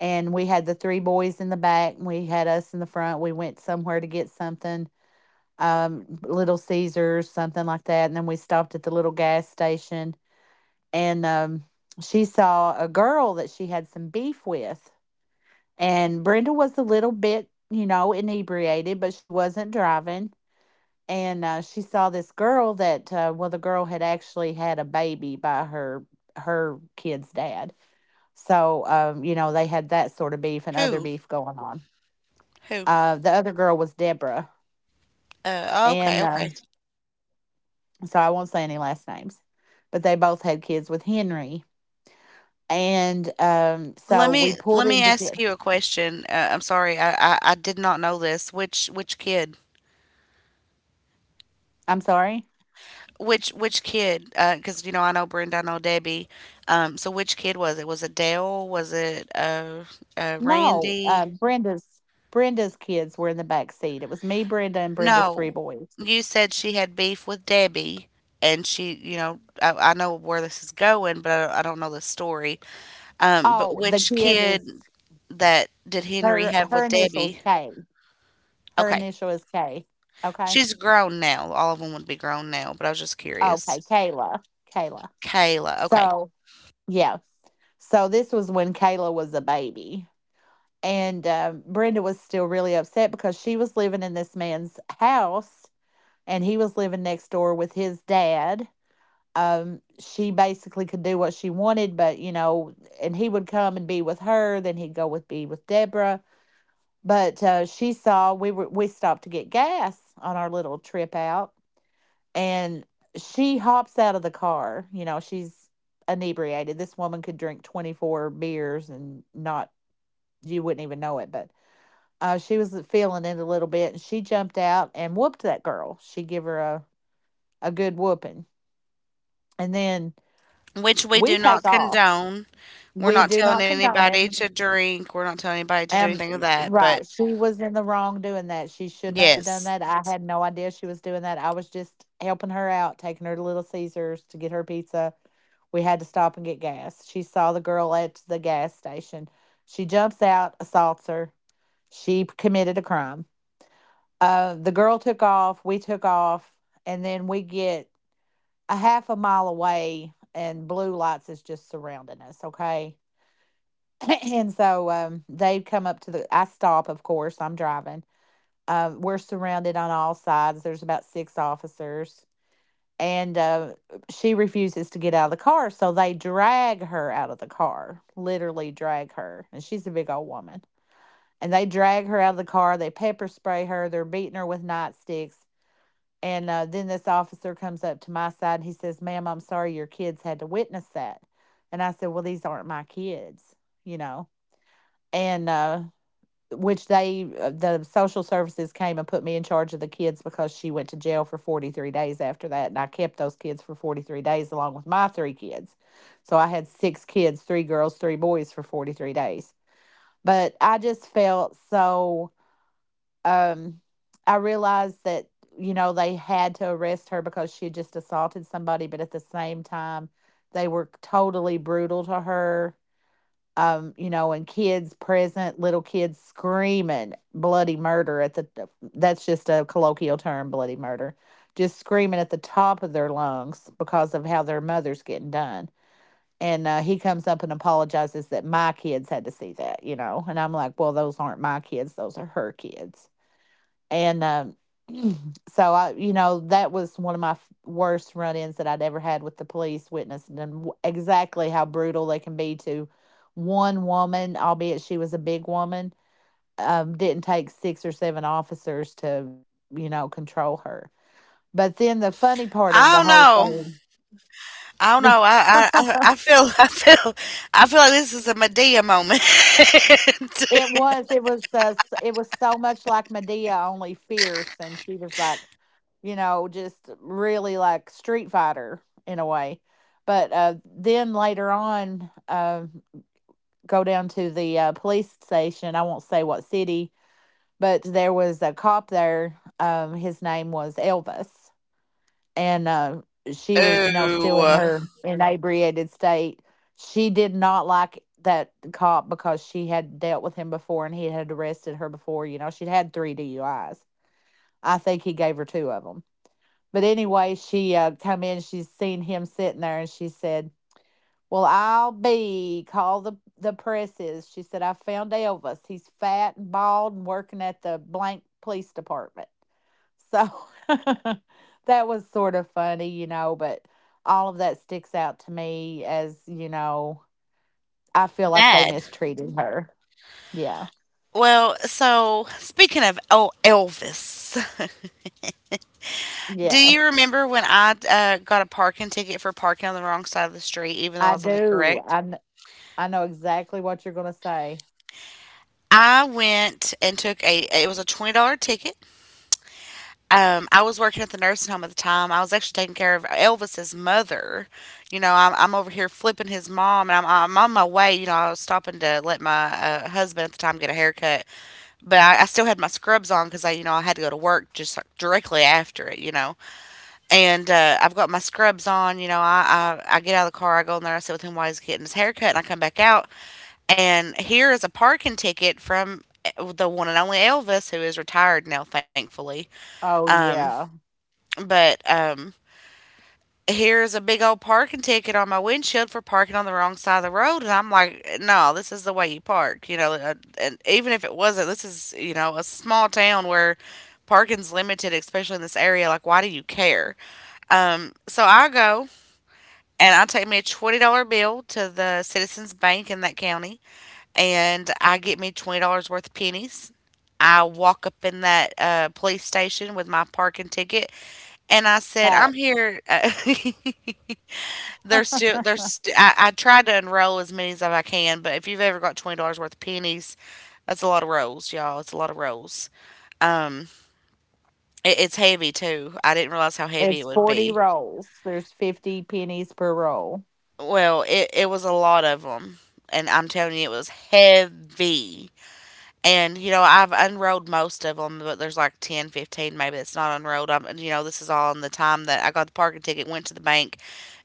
B: And we had the three boys in the back, and we had us in the front. We went somewhere to get something, um, Little Caesars, something like that. And then we stopped at the little gas station, and um, she saw a girl that she had some beef with. And Brenda was a little bit, you know, inebriated, but she wasn't driving. And uh, she saw this girl that, uh, well, the girl had actually had a baby by her her kid's dad. So, um, you know, they had that sort of beef and
A: Who?
B: other beef going on.
A: Who?
B: Uh, the other girl was Deborah,
A: Uh, okay,
B: and, um,
A: okay.
B: so I won't say any last names, but they both had kids with Henry. And um,
A: Let
B: so we
A: me
B: pulled
A: let me
B: into
A: ask you a
B: this.
A: question. Uh, I'm sorry, I, I I did not know this. Which which kid?
B: I'm sorry?
A: Which which kid? Because you know I know Brenda, I know Debbie. Um, so which kid was it? Was it Dale? Was it uh uh
B: No, uh,
A: Randy?
B: Brenda's Brenda's kids were in the back seat. It was me, Brenda, and Brenda's three
A: No,
B: boys.
A: you said she had beef with Debbie, and she, you know, I, I know where this is going, but I don't, I don't know the story. Um, but
B: Oh, the
A: which
B: kid is
A: kid that did Henry
B: her
A: have
B: her
A: with
B: initials
A: Debbie?
B: K. Her
A: Okay.
B: initial is K. Okay.
A: She's grown now. All of them would be grown now, but I was just
B: Oh, okay,
A: curious.
B: Kayla. Kayla.
A: Kayla. Okay.
B: So yeah. So this was when Kayla was a baby. And um, Brenda was still really upset because she was living in this man's house, and he was living next door with his dad. Um she basically could do what she wanted, but, you know and he would come and be with her, then he'd go with be with Deborah. But uh, she saw, we were we stopped to get gas on our little trip out. And she hops out of the car. You know she's inebriated. This woman could drink twenty-four beers, and not you wouldn't even know it. But uh, she was feeling it a little bit, and she jumped out and whooped that girl. She give her a, a good whooping, and then
A: Which we
B: we
A: do
B: take
A: not
B: off.
A: condone. We're
B: We
A: not
B: do
A: telling
B: not condone it.
A: anybody to drink. We're not telling anybody to do
B: Um,
A: anything of that. But
B: right. She was in the wrong doing that. She should not have done
A: yes.
B: that. I had no idea she was doing that. I was just helping her out, taking her to Little Caesars to get her pizza. We had to stop and get gas. She saw the girl at the gas station. She jumps out, assaults her. She p- committed a crime. Uh, the girl took off. We took off. And then we get a half a mile away, and blue lights is just surrounding us. Okay. And so, um, they'd come up to the. I stop, of course. I'm driving. Uh, we're surrounded on all sides. There's about six officers, and uh, she refuses to get out of the car. So they drag her out of the car, literally drag her. And she's a big old woman. And they drag her out of the car. They pepper spray her. They're beating her with nightsticks. And uh, then this officer comes up to my side, and he says, "Ma'am, I'm sorry your kids had to witness that." And I said, "Well, these aren't my kids, you know." And uh, which they uh, the social services came and put me in charge of the kids because she went to jail for forty-three days after that, and I kept those kids for forty-three days along with my three kids. So I had six kids, three girls, three boys for forty-three days. But I just felt so um I realized that you know they had to arrest her because she had just assaulted somebody, but at the same time they were totally brutal to her. Um, you know, and kids present, little kids screaming bloody murder at the— that's just a colloquial term, bloody murder— just screaming at the top of their lungs because of how their mother's getting done. And uh, He comes up and apologizes that my kids had to see that, you know. And I'm like, well, those aren't my kids, those are her kids. And um, So I, you know, that was one of my f- worst run-ins that I'd ever had with the police, witnessing and w- exactly how brutal they can be to one woman, albeit she was a big woman. Um, didn't take six or seven officers to, you know, control her. But then
A: I
B: the
A: don't
B: funny
A: know.
B: part of the whole thing—
A: I don't know. I, I, I I feel I feel, I feel like this is a Medea moment.
B: It was. It was. Uh, s- it was so much like Medea, only fierce, and she was like, you know, just really like Street Fighter in a way. But uh, then later on, uh, go down to the uh, police station. I won't say what city, but there was a cop there. Um, his name was Elvis, and uh, she was, you know, still in
A: Ooh.
B: her inebriated state. She did not like that cop because she had dealt with him before and he had arrested her before. You know, she'd had three D U Is. I think he gave her two of them. But anyway, she uh, come in. She's seen him sitting there, and she said, well, I'll be, call the the presses. She said, I found Elvis. He's fat and bald and working at the blank police department. So that was sort of funny, you know, but all of that sticks out to me as, you know, I feel like they
A: Bad.
B: mistreated her. Yeah.
A: Well, so speaking of, oh, Elvis, do
B: Yeah.
A: you remember when I uh, got a parking ticket for parking on the wrong side of the street, even though I
B: I
A: was on the
B: do.
A: correct?
B: I, kn- I know exactly what you're going to say.
A: I went and took a It was a twenty dollar ticket. Um, I was working at the nursing home at the time. I was actually taking care of Elvis's mother. You know, I'm, I'm over here flipping his mom, and I'm, I'm on my way. You know, I was stopping to let my uh, husband at the time get a haircut, but I, I still had my scrubs on because I, you know, I had to go to work just like directly after it. You know. And, uh, I've got my scrubs on, you know, I, I I get out of the car, I go in there, I sit with him while he's getting his haircut. And I come back out, and here is a parking ticket from eh, the one and only Elvis, who is retired now, thankfully.
B: Oh, yeah.
A: But um, here's a big old parking ticket on my windshield for parking on the wrong side of the road, and I'm like, no, this is the way you park, you know. uh, And even if it wasn't, this is you know a small town where parking's limited, especially in this area. Like, why do you care? Um, so I go and I take me a twenty dollar bill to the Citizens Bank in that county, and I get me twenty dollars worth of pennies. I walk up in that uh, police station with my parking ticket, and I said, "I'm
B: Facts.
A: here." Uh, there's still there's st- I, I tried to unroll as many as I can, but if you've ever got twenty dollars worth of pennies, that's a lot of rolls, y'all. It's a lot of rolls. Um, it, it's heavy too. I didn't realize how heavy
B: It's
A: it would
B: forty
A: be.
B: rolls, there's fifty pennies per roll.
A: Well, it it was a lot of them, and I'm telling you, it was heavy. And, you know, I've unrolled most of them, but there's like ten, fifteen, maybe, that's not unrolled. I'm, you know, this is all in the time that I got the parking ticket, went to the bank,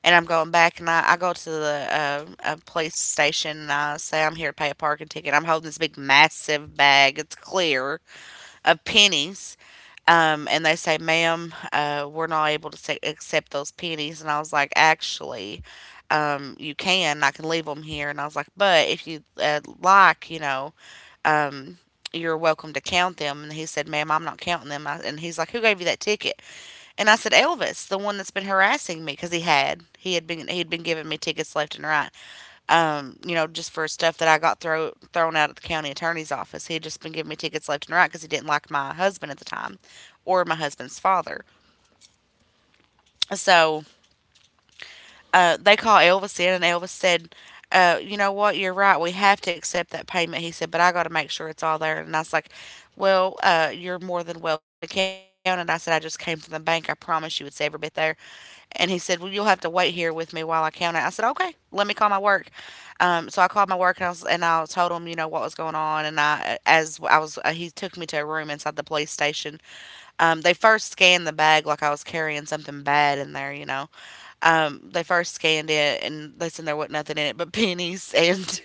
A: and I'm going back. And I, I go to the uh, uh, police station and I say, I'm here to pay a parking ticket. I'm holding this big, massive bag, it's clear, of pennies. Um, and they say, ma'am, uh, we're not able to sa- accept those pennies. And I was like, actually, um, you can. I can leave them here. And I was like, but if you uh, like, you know, um, you're welcome to count them. And he said, ma'am, I'm not counting them. I, and he's like, who gave you that ticket? And I said, Elvis, the one that's been harassing me because he had, he had been, he'd been giving me tickets left and right. Um, you know, just for stuff that I got throw, thrown out at the county attorney's office. He'd just been giving me tickets left and right because he didn't like my husband at the time or my husband's father. So uh, they call Elvis in, and Elvis said, uh, "You know what? You're right. We have to accept that payment." He said, "But I got to make sure it's all there." And I was like, "Well, uh, you're more than welcome to count it." I said, "I just came from the bank. I promise you, it's every bit there." And he said, "Well, you'll have to wait here with me while I count it." I said, "Okay. Let me call my work." Um, so I called my work and I, was, and I told him, you know, what was going on. And I, as I was, uh, He took me to a room inside the police station. Um, they first scanned the bag like I was carrying something bad in there, you know. Um, they first scanned it and they said there wasn't nothing in it but pennies. And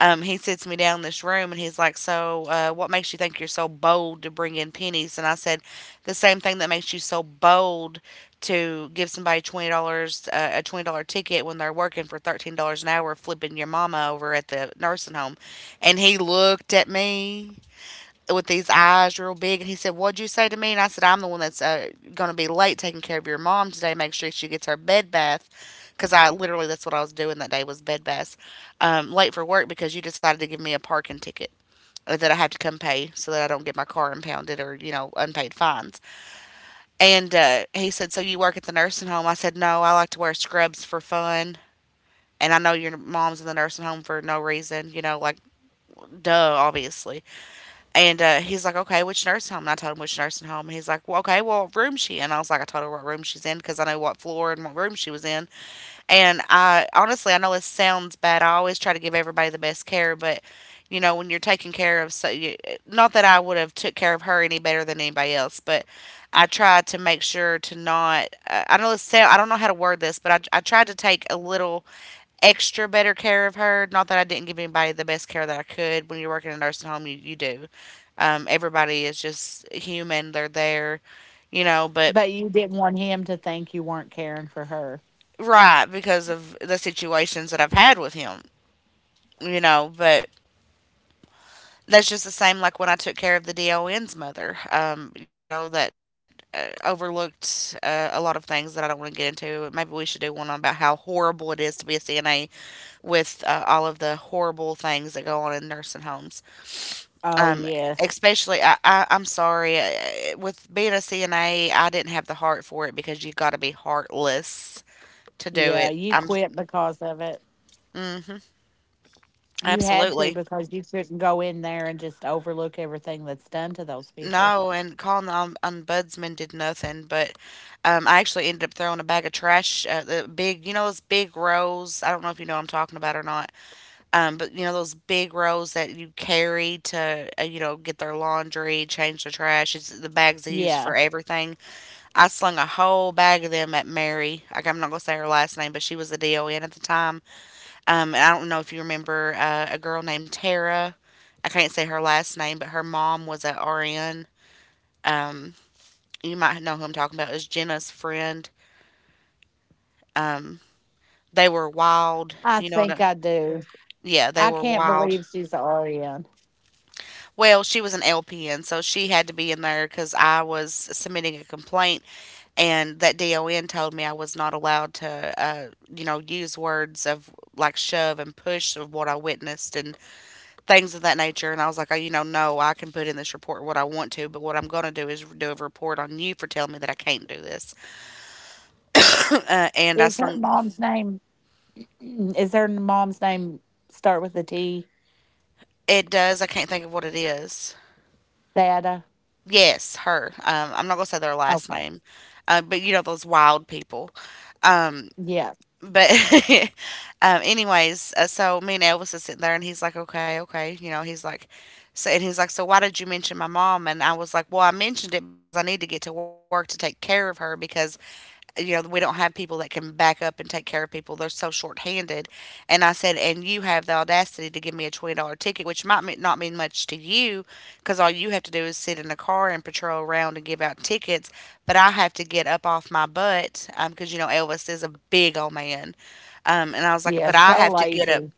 A: um, he sits me down in this room and he's like, so, uh, what makes you think you're so bold to bring in pennies? And I said, the same thing that makes you so bold to give somebody twenty dollars uh, a twenty dollar ticket when they're working for thirteen dollars an hour flipping your mama over at the nursing home. And he looked at me with these eyes real big. And he said, what'd you say to me? And I said, I'm the one that's uh, going to be late taking care of your mom today. Make sure she gets her bed bath. Because I literally, that's what I was doing that day, was bed baths. Um, late for work because you decided to give me a parking ticket uh, that I have to come pay so that I don't get my car impounded or, you know, unpaid fines. And uh, he said, so you work at the nursing home? I said, no, I like to wear scrubs for fun. And I know your mom's in the nursing home for no reason, you know, like, duh, obviously. And uh, he's like, okay, which nursing home? And I told him which nursing home. And he's like, well, okay, well, what room she in? I was like, I told her what room she's in because I know what floor and what room she was in. And I honestly, I know this sounds bad. I always try to give everybody the best care, but you know, when you're taking care of, so you, not that I would have took care of her any better than anybody else, but I tried to make sure to not. Uh, I know this sound, I don't know how to word this, but I, I tried to take a little extra better care of her. Not that I didn't give anybody the best care that I could. When you're working in a nursing home, you, you do. Um, everybody is just human. They're there, you know, but
B: But you didn't want him to think you weren't caring for her.
A: right because of the situations that I've had with him, you know, but that's just the same like when I took care of the D O N's mother, um, you know, that uh, overlooked uh, a lot of things that I don't want to get into. Maybe we should do one on about how horrible it is to be a C N A with uh, all of the horrible things that go on in nursing homes.
B: Oh,
A: Um,
B: yes.
A: especially, I, I, I'm sorry, uh, with being a C N A, I didn't have the heart for it because you got to be heartless to do
B: Yeah,
A: it.
B: you
A: I'm,
B: quit because of it.
A: hmm
B: You had to,
A: Absolutely.
B: because you couldn't go in there and just overlook everything that's done to those people.
A: No, and calling the om- ombudsman did nothing, but um, I actually ended up throwing a bag of trash, uh, the big, you know, those big rolls. I don't know if you know what I'm talking about or not, um, but you know, those big rolls that you carry to, uh, you know, get their laundry, change the trash. It's the bags they use
B: Yeah,
A: for everything. I slung a whole bag of them at Mary. Like I'm not gonna say her last name, but she was a D O N at the time. Um, and I don't know if you remember uh, a girl named Tara. I can't say her last name, but her mom was at R N. Um, you might know who I'm talking about. Is Jenna's friend. Um, they were wild.
B: I
A: You know what?
B: think
A: I-
B: I do.
A: Yeah, they
B: I
A: were
B: can't
A: wild.
B: believe she's a R N.
A: Well, she was an L P N, so she had to be in there because I was submitting a complaint and that D O N told me I was not allowed to, uh, you know, use words of like shove and push of what I witnessed and things of that nature. And I was like, oh, you know, no, I can put in this report what I want to, but what I'm going to do is do a report on you for telling me that I can't do this. Uh, and I
B: Is her
A: slung,
B: mom's name, is her mom's name start with a T?
A: it does, I can't think of what it is.
B: Thada?
A: Yes, her. Um, I'm not going to say their last
B: Okay.
A: name, uh, but you know, those wild people.
B: Yeah.
A: But um, anyways, uh, so me and Elvis is sitting there, and he's like, "Okay, okay," you know, he's like, so, and he's like, "So why did you mention my mom?" And I was like, "Well, I mentioned it because I need to get to work to take care of her because you know we don't have people that can back up and take care of people; they're so short-handed." And I said, "And you have the audacity to give me a twenty-dollar ticket, which might me- not mean much to you, because all you have to do is sit in a car and patrol around and give out tickets, but I have to get up off my butt because you know Elvis is a big old man." Um, and I was like,
B: Yeah.
A: but I
B: So
A: have to get up.
B: lazy.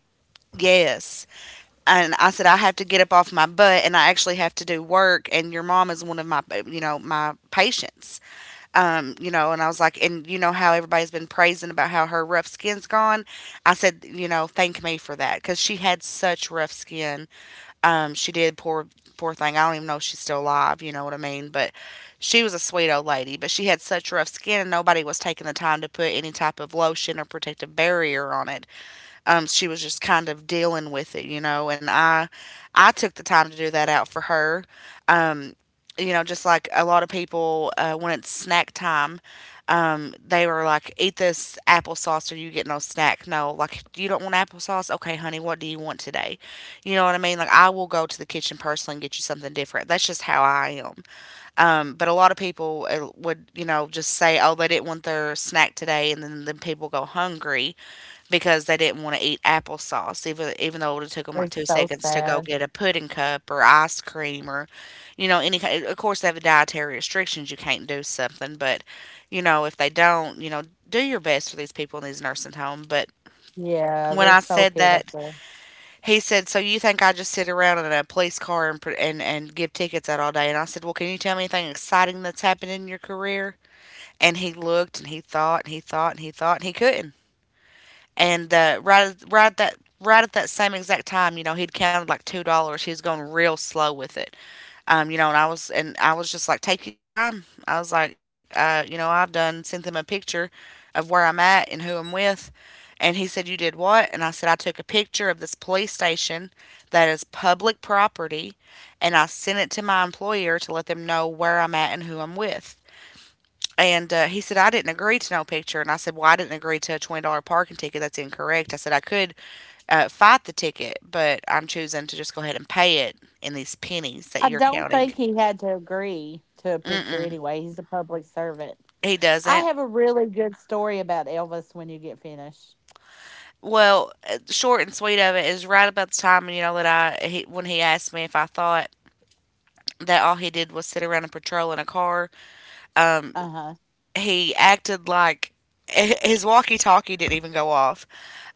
A: Yes. And I said, I have to get up off my butt and I actually have to do work. And your mom is one of my, you know, my patients. Um, you know, and I was like, and you know how everybody's been praising about how her rough skin's gone. I said, you know, thank me for that because she had such rough skin. Um, she did, poor, poor thing. I don't even know if she's still alive. You know what I mean? But she was a sweet old lady, but she had such rough skin and nobody was taking the time to put any type of lotion or protective barrier on it. Um, she was just kind of dealing with it, you know. And I, I took the time to do that out for her, you know. Just like a lot of people, uh, when it's snack time, um, they were like, "Eat this applesauce, or you get no snack." No, like you don't want applesauce. Okay, honey, what do you want today? You know what I mean? Like I will go to the kitchen personally and get you something different. That's just how I am. Um, but a lot of people uh, would, you know, just say, "Oh, they didn't want their snack today," and then, then people go hungry because they didn't wanna eat applesauce, even even though it would've took 'em, like,
B: It's
A: two
B: so
A: seconds to go
B: sad.
A: get a pudding cup or ice cream or, you know, any kind. Of course, they have dietary restrictions, you can't do something, but, you know, if they don't, you know, do your best for these people in these nursing home. But
B: Yeah.
A: when
B: They're
A: I
B: so
A: said that,
B: pitiful.
A: he said, "So you think I just sit around in a police car and pr and and give tickets out all day?" And I said, "Well, can you tell me anything exciting that's happened in your career?" And he looked, and he thought, and he thought, and he thought, and he couldn't. And uh, right at- right at that right at that same exact time, you know, he'd counted like two dollars. He was going real slow with it. Um, you know, and I was and I was just like, take your time. I was like, uh, you know, I've done sent them a picture of where I'm at and who I'm with. And he said, "You did what?" And I said, "I took a picture of this police station that is public property, and I sent it to my employer to let them know where I'm at and who I'm with." And uh, he said, "I didn't agree to no picture." And I said, "Well, I didn't agree to a twenty dollars parking ticket. That's incorrect." I said, "I could uh, fight the ticket, but I'm choosing to just go ahead and pay it in these pennies that
B: I
A: you're
B: don't
A: counting."
B: think he had to agree to a picture anyway. He's a public servant.
A: He
B: I
A: doesn't.
B: have a really good story about Elvis when you get finished.
A: Well, uh, short and sweet of it is right about the time, you know, that I he, when he asked me if I thought that all he did was sit around and patrol in a car,
B: Uh-huh.
A: he acted like his walkie-talkie didn't even go off.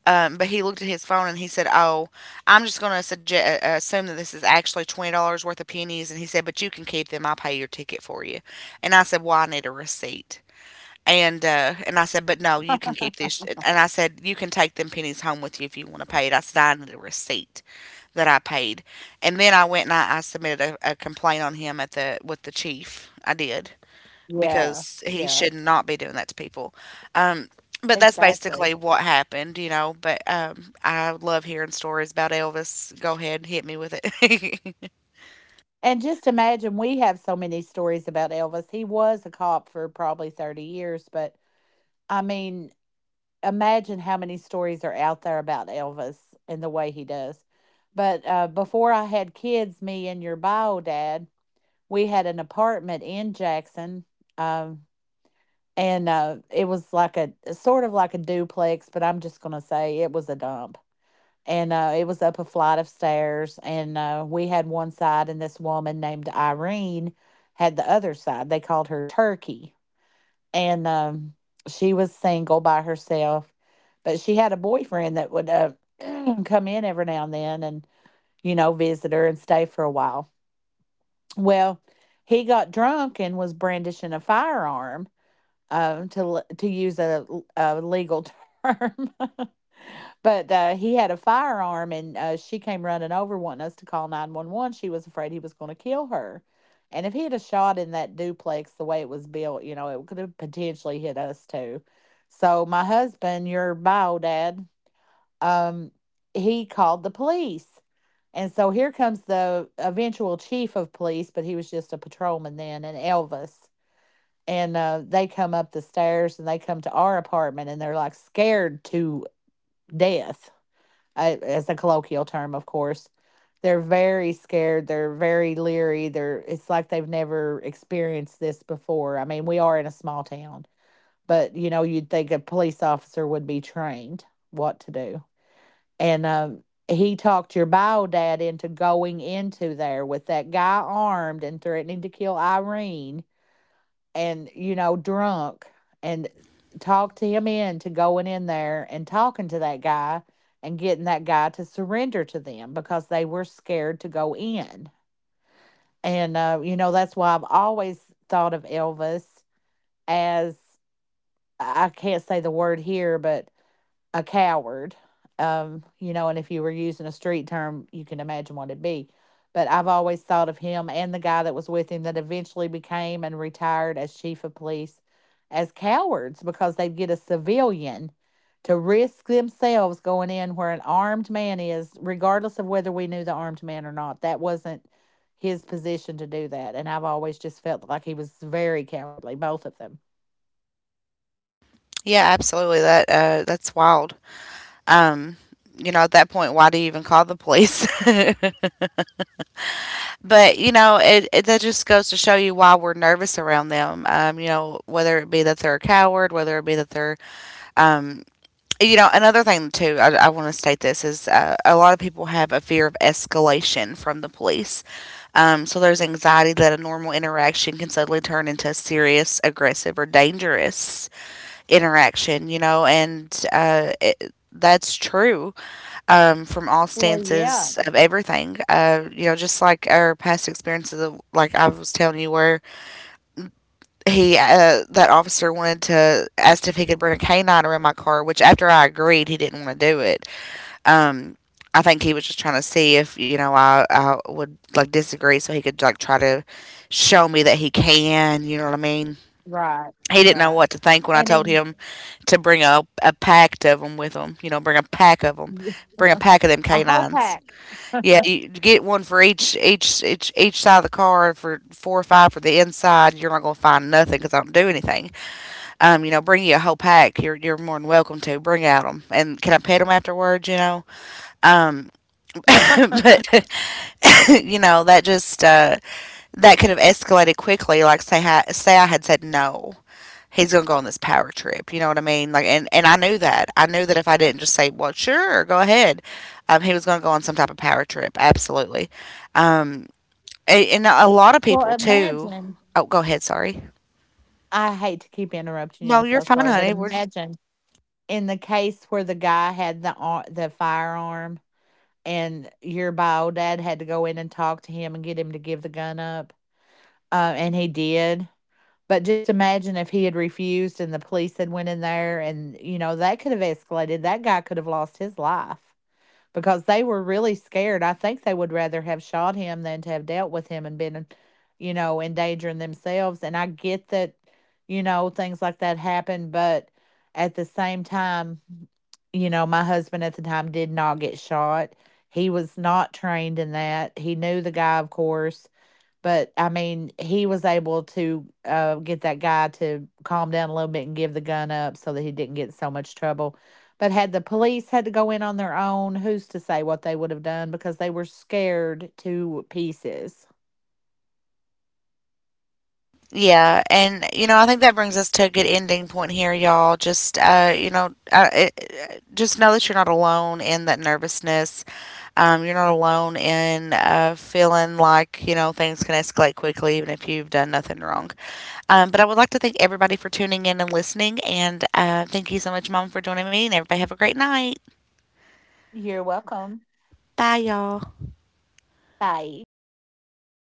A: Um, but he looked at his phone and he said, "Oh, I'm just going to suggest uh, assume that this is actually twenty dollars worth of pennies." And he said, "But you can keep them. I'll pay your ticket for you." And I said, "Well, I need a receipt." And uh, and I said, "But no, you can keep these." And I said, "You can take them pennies home with you if you want to pay it." I signed the receipt that I paid. And then I went and I, I submitted a, a complaint on him at the with the chief. I did,
B: Yeah.
A: because he
B: Yeah.
A: should not be doing that to people. Um, but that's basically
B: Exactly.
A: what happened, you know. But um, I love hearing stories about Elvis. Go ahead, hit me with it.
B: And just imagine, we have so many stories about Elvis. He was a cop for probably thirty years, but I mean, imagine how many stories are out there about Elvis and the way he does. But uh, before I had kids, me and your bio dad, we had an apartment in Jackson. Um, and uh, It was like a sort of like a duplex, but I'm just gonna say it was a dump. And uh, It was up a flight of stairs, and uh, we had one side, and this woman named Irene had the other side. They called her Turkey, and um, she was single by herself, but she had a boyfriend that would uh, come in every now and then, and you know, visit her and stay for a while. Well, he got drunk and was brandishing a firearm, um, to l- to use a a legal term. but uh, he had a firearm, and uh, she came running over wanting us to call nine one one. She was afraid he was going to kill her, and if he had a shot in that duplex the way it was built, you know, it could have potentially hit us too. So my husband, your bio dad, um, he called the police. And so here comes the eventual chief of police, but he was just a patrolman then, and Elvis. And uh, They come up the stairs and they come to our apartment and they're like scared to death, uh, as a colloquial term, of course. They're very scared, they're very leery, they're— it's like they've never experienced this before. I mean, we are in a small town, but you know, you'd think a police officer would be trained what to do. And um, He talked your bio dad into going into there with that guy armed and threatening to kill Irene and, you know, drunk, and talked him into going in there and talking to that guy and getting that guy to surrender to them because they were scared to go in. And, uh, you know, that's why I've always thought of Elvis as— I I can't say the word here, but a coward. Um, you know, and if you were using a street term, you can imagine what it'd be. But I've always thought of him and the guy that was with him that eventually became and retired as chief of police as cowards, because they'd get a civilian to risk themselves going in where an armed man is, regardless of whether we knew the armed man or not. That wasn't his position to do that. And I've always just felt like he was very cowardly, both of them.
A: Yeah, absolutely. That uh, that's wild. Um, you know, at that point, why do you even call the police? But you know, it, it that just goes to show you why we're nervous around them. Um, you know, whether it be that they're a coward, whether it be that they're, um, you know, another thing too. I, I want to state this is uh, a lot of people have a fear of escalation from the police. Um, so there's anxiety that a normal interaction can suddenly turn into a serious, aggressive, or dangerous interaction. You know, and uh, it, that's true um, from all
B: Well, yeah.
A: stances of everything. Uh, you know, just like our past experiences, of, like I was telling you, where he, uh, that officer wanted to, asked if he could bring a canine around my car, which after I agreed, he didn't want to do it. Um, I think he was just trying to see if, you know, I, I would like disagree so he could like try to show me that he can, you know what I mean?
B: Right.
A: He didn't know
B: Right.
A: what to think when I
B: And
A: told
B: then—
A: him to bring a, a pack of them with him, you know, bring a pack of them, bring a pack of them
B: A whole
A: canines.
B: pack.
A: Yeah, you get one for each each each each side of the car for four or five for the inside. You're not gonna find nothing because I don't do anything. Um, you know, bring you a whole pack. You're you're more than welcome to bring out them. And can I pet them afterwards? You know, um, but
B: Well,
A: you know, that just uh, that could have escalated quickly. Like say ha- say I had said no. He's gonna go on this power trip, you know what I mean? Like, and and I knew that. I knew that if I didn't just say, "Well, sure, go ahead," um, he was gonna go on some type of power trip. Absolutely. Um, a and a lot of people too.
B: imagine.
A: Oh, go ahead, sorry.
B: I hate to keep interrupting you.
A: No,
B: I'm
A: you're
B: so
A: fine,
B: sorry, but
A: honey. We're just
B: imagine in the case where the guy had the ar- the firearm, and your bio dad had to go in and talk to him and get him to give the gun up, uh, and he did. But just imagine if he had refused and the police had went in there, and you know, that could have escalated. That guy could have lost his life, because they were really scared. I think they would rather have shot him than to have dealt with him and been, you know, endangering themselves. And I get that, you know, things like that happen, but at the same time, you know, my husband at the time did not get shot. He was not trained in that. He knew the guy, of course. But I mean, he was able to uh, get that guy to calm down a little bit and give the gun up so that he didn't get in so much trouble. But had the police had to go in on their own, who's to say what they would have done, because they were scared to pieces.
A: yeah, and, you know, I think that brings us to a good ending point here, y'all. Just, uh, you know, uh, it just know that you're not alone in that nervousness. Um, you're not alone in, uh, feeling like, you know, things can escalate quickly even if you've done nothing wrong. Um, but I would like to thank everybody for tuning in and listening, and, uh, thank you so much, Mom, for joining me, and everybody have a great night.
B: You're welcome.
A: Bye, y'all.
B: Bye.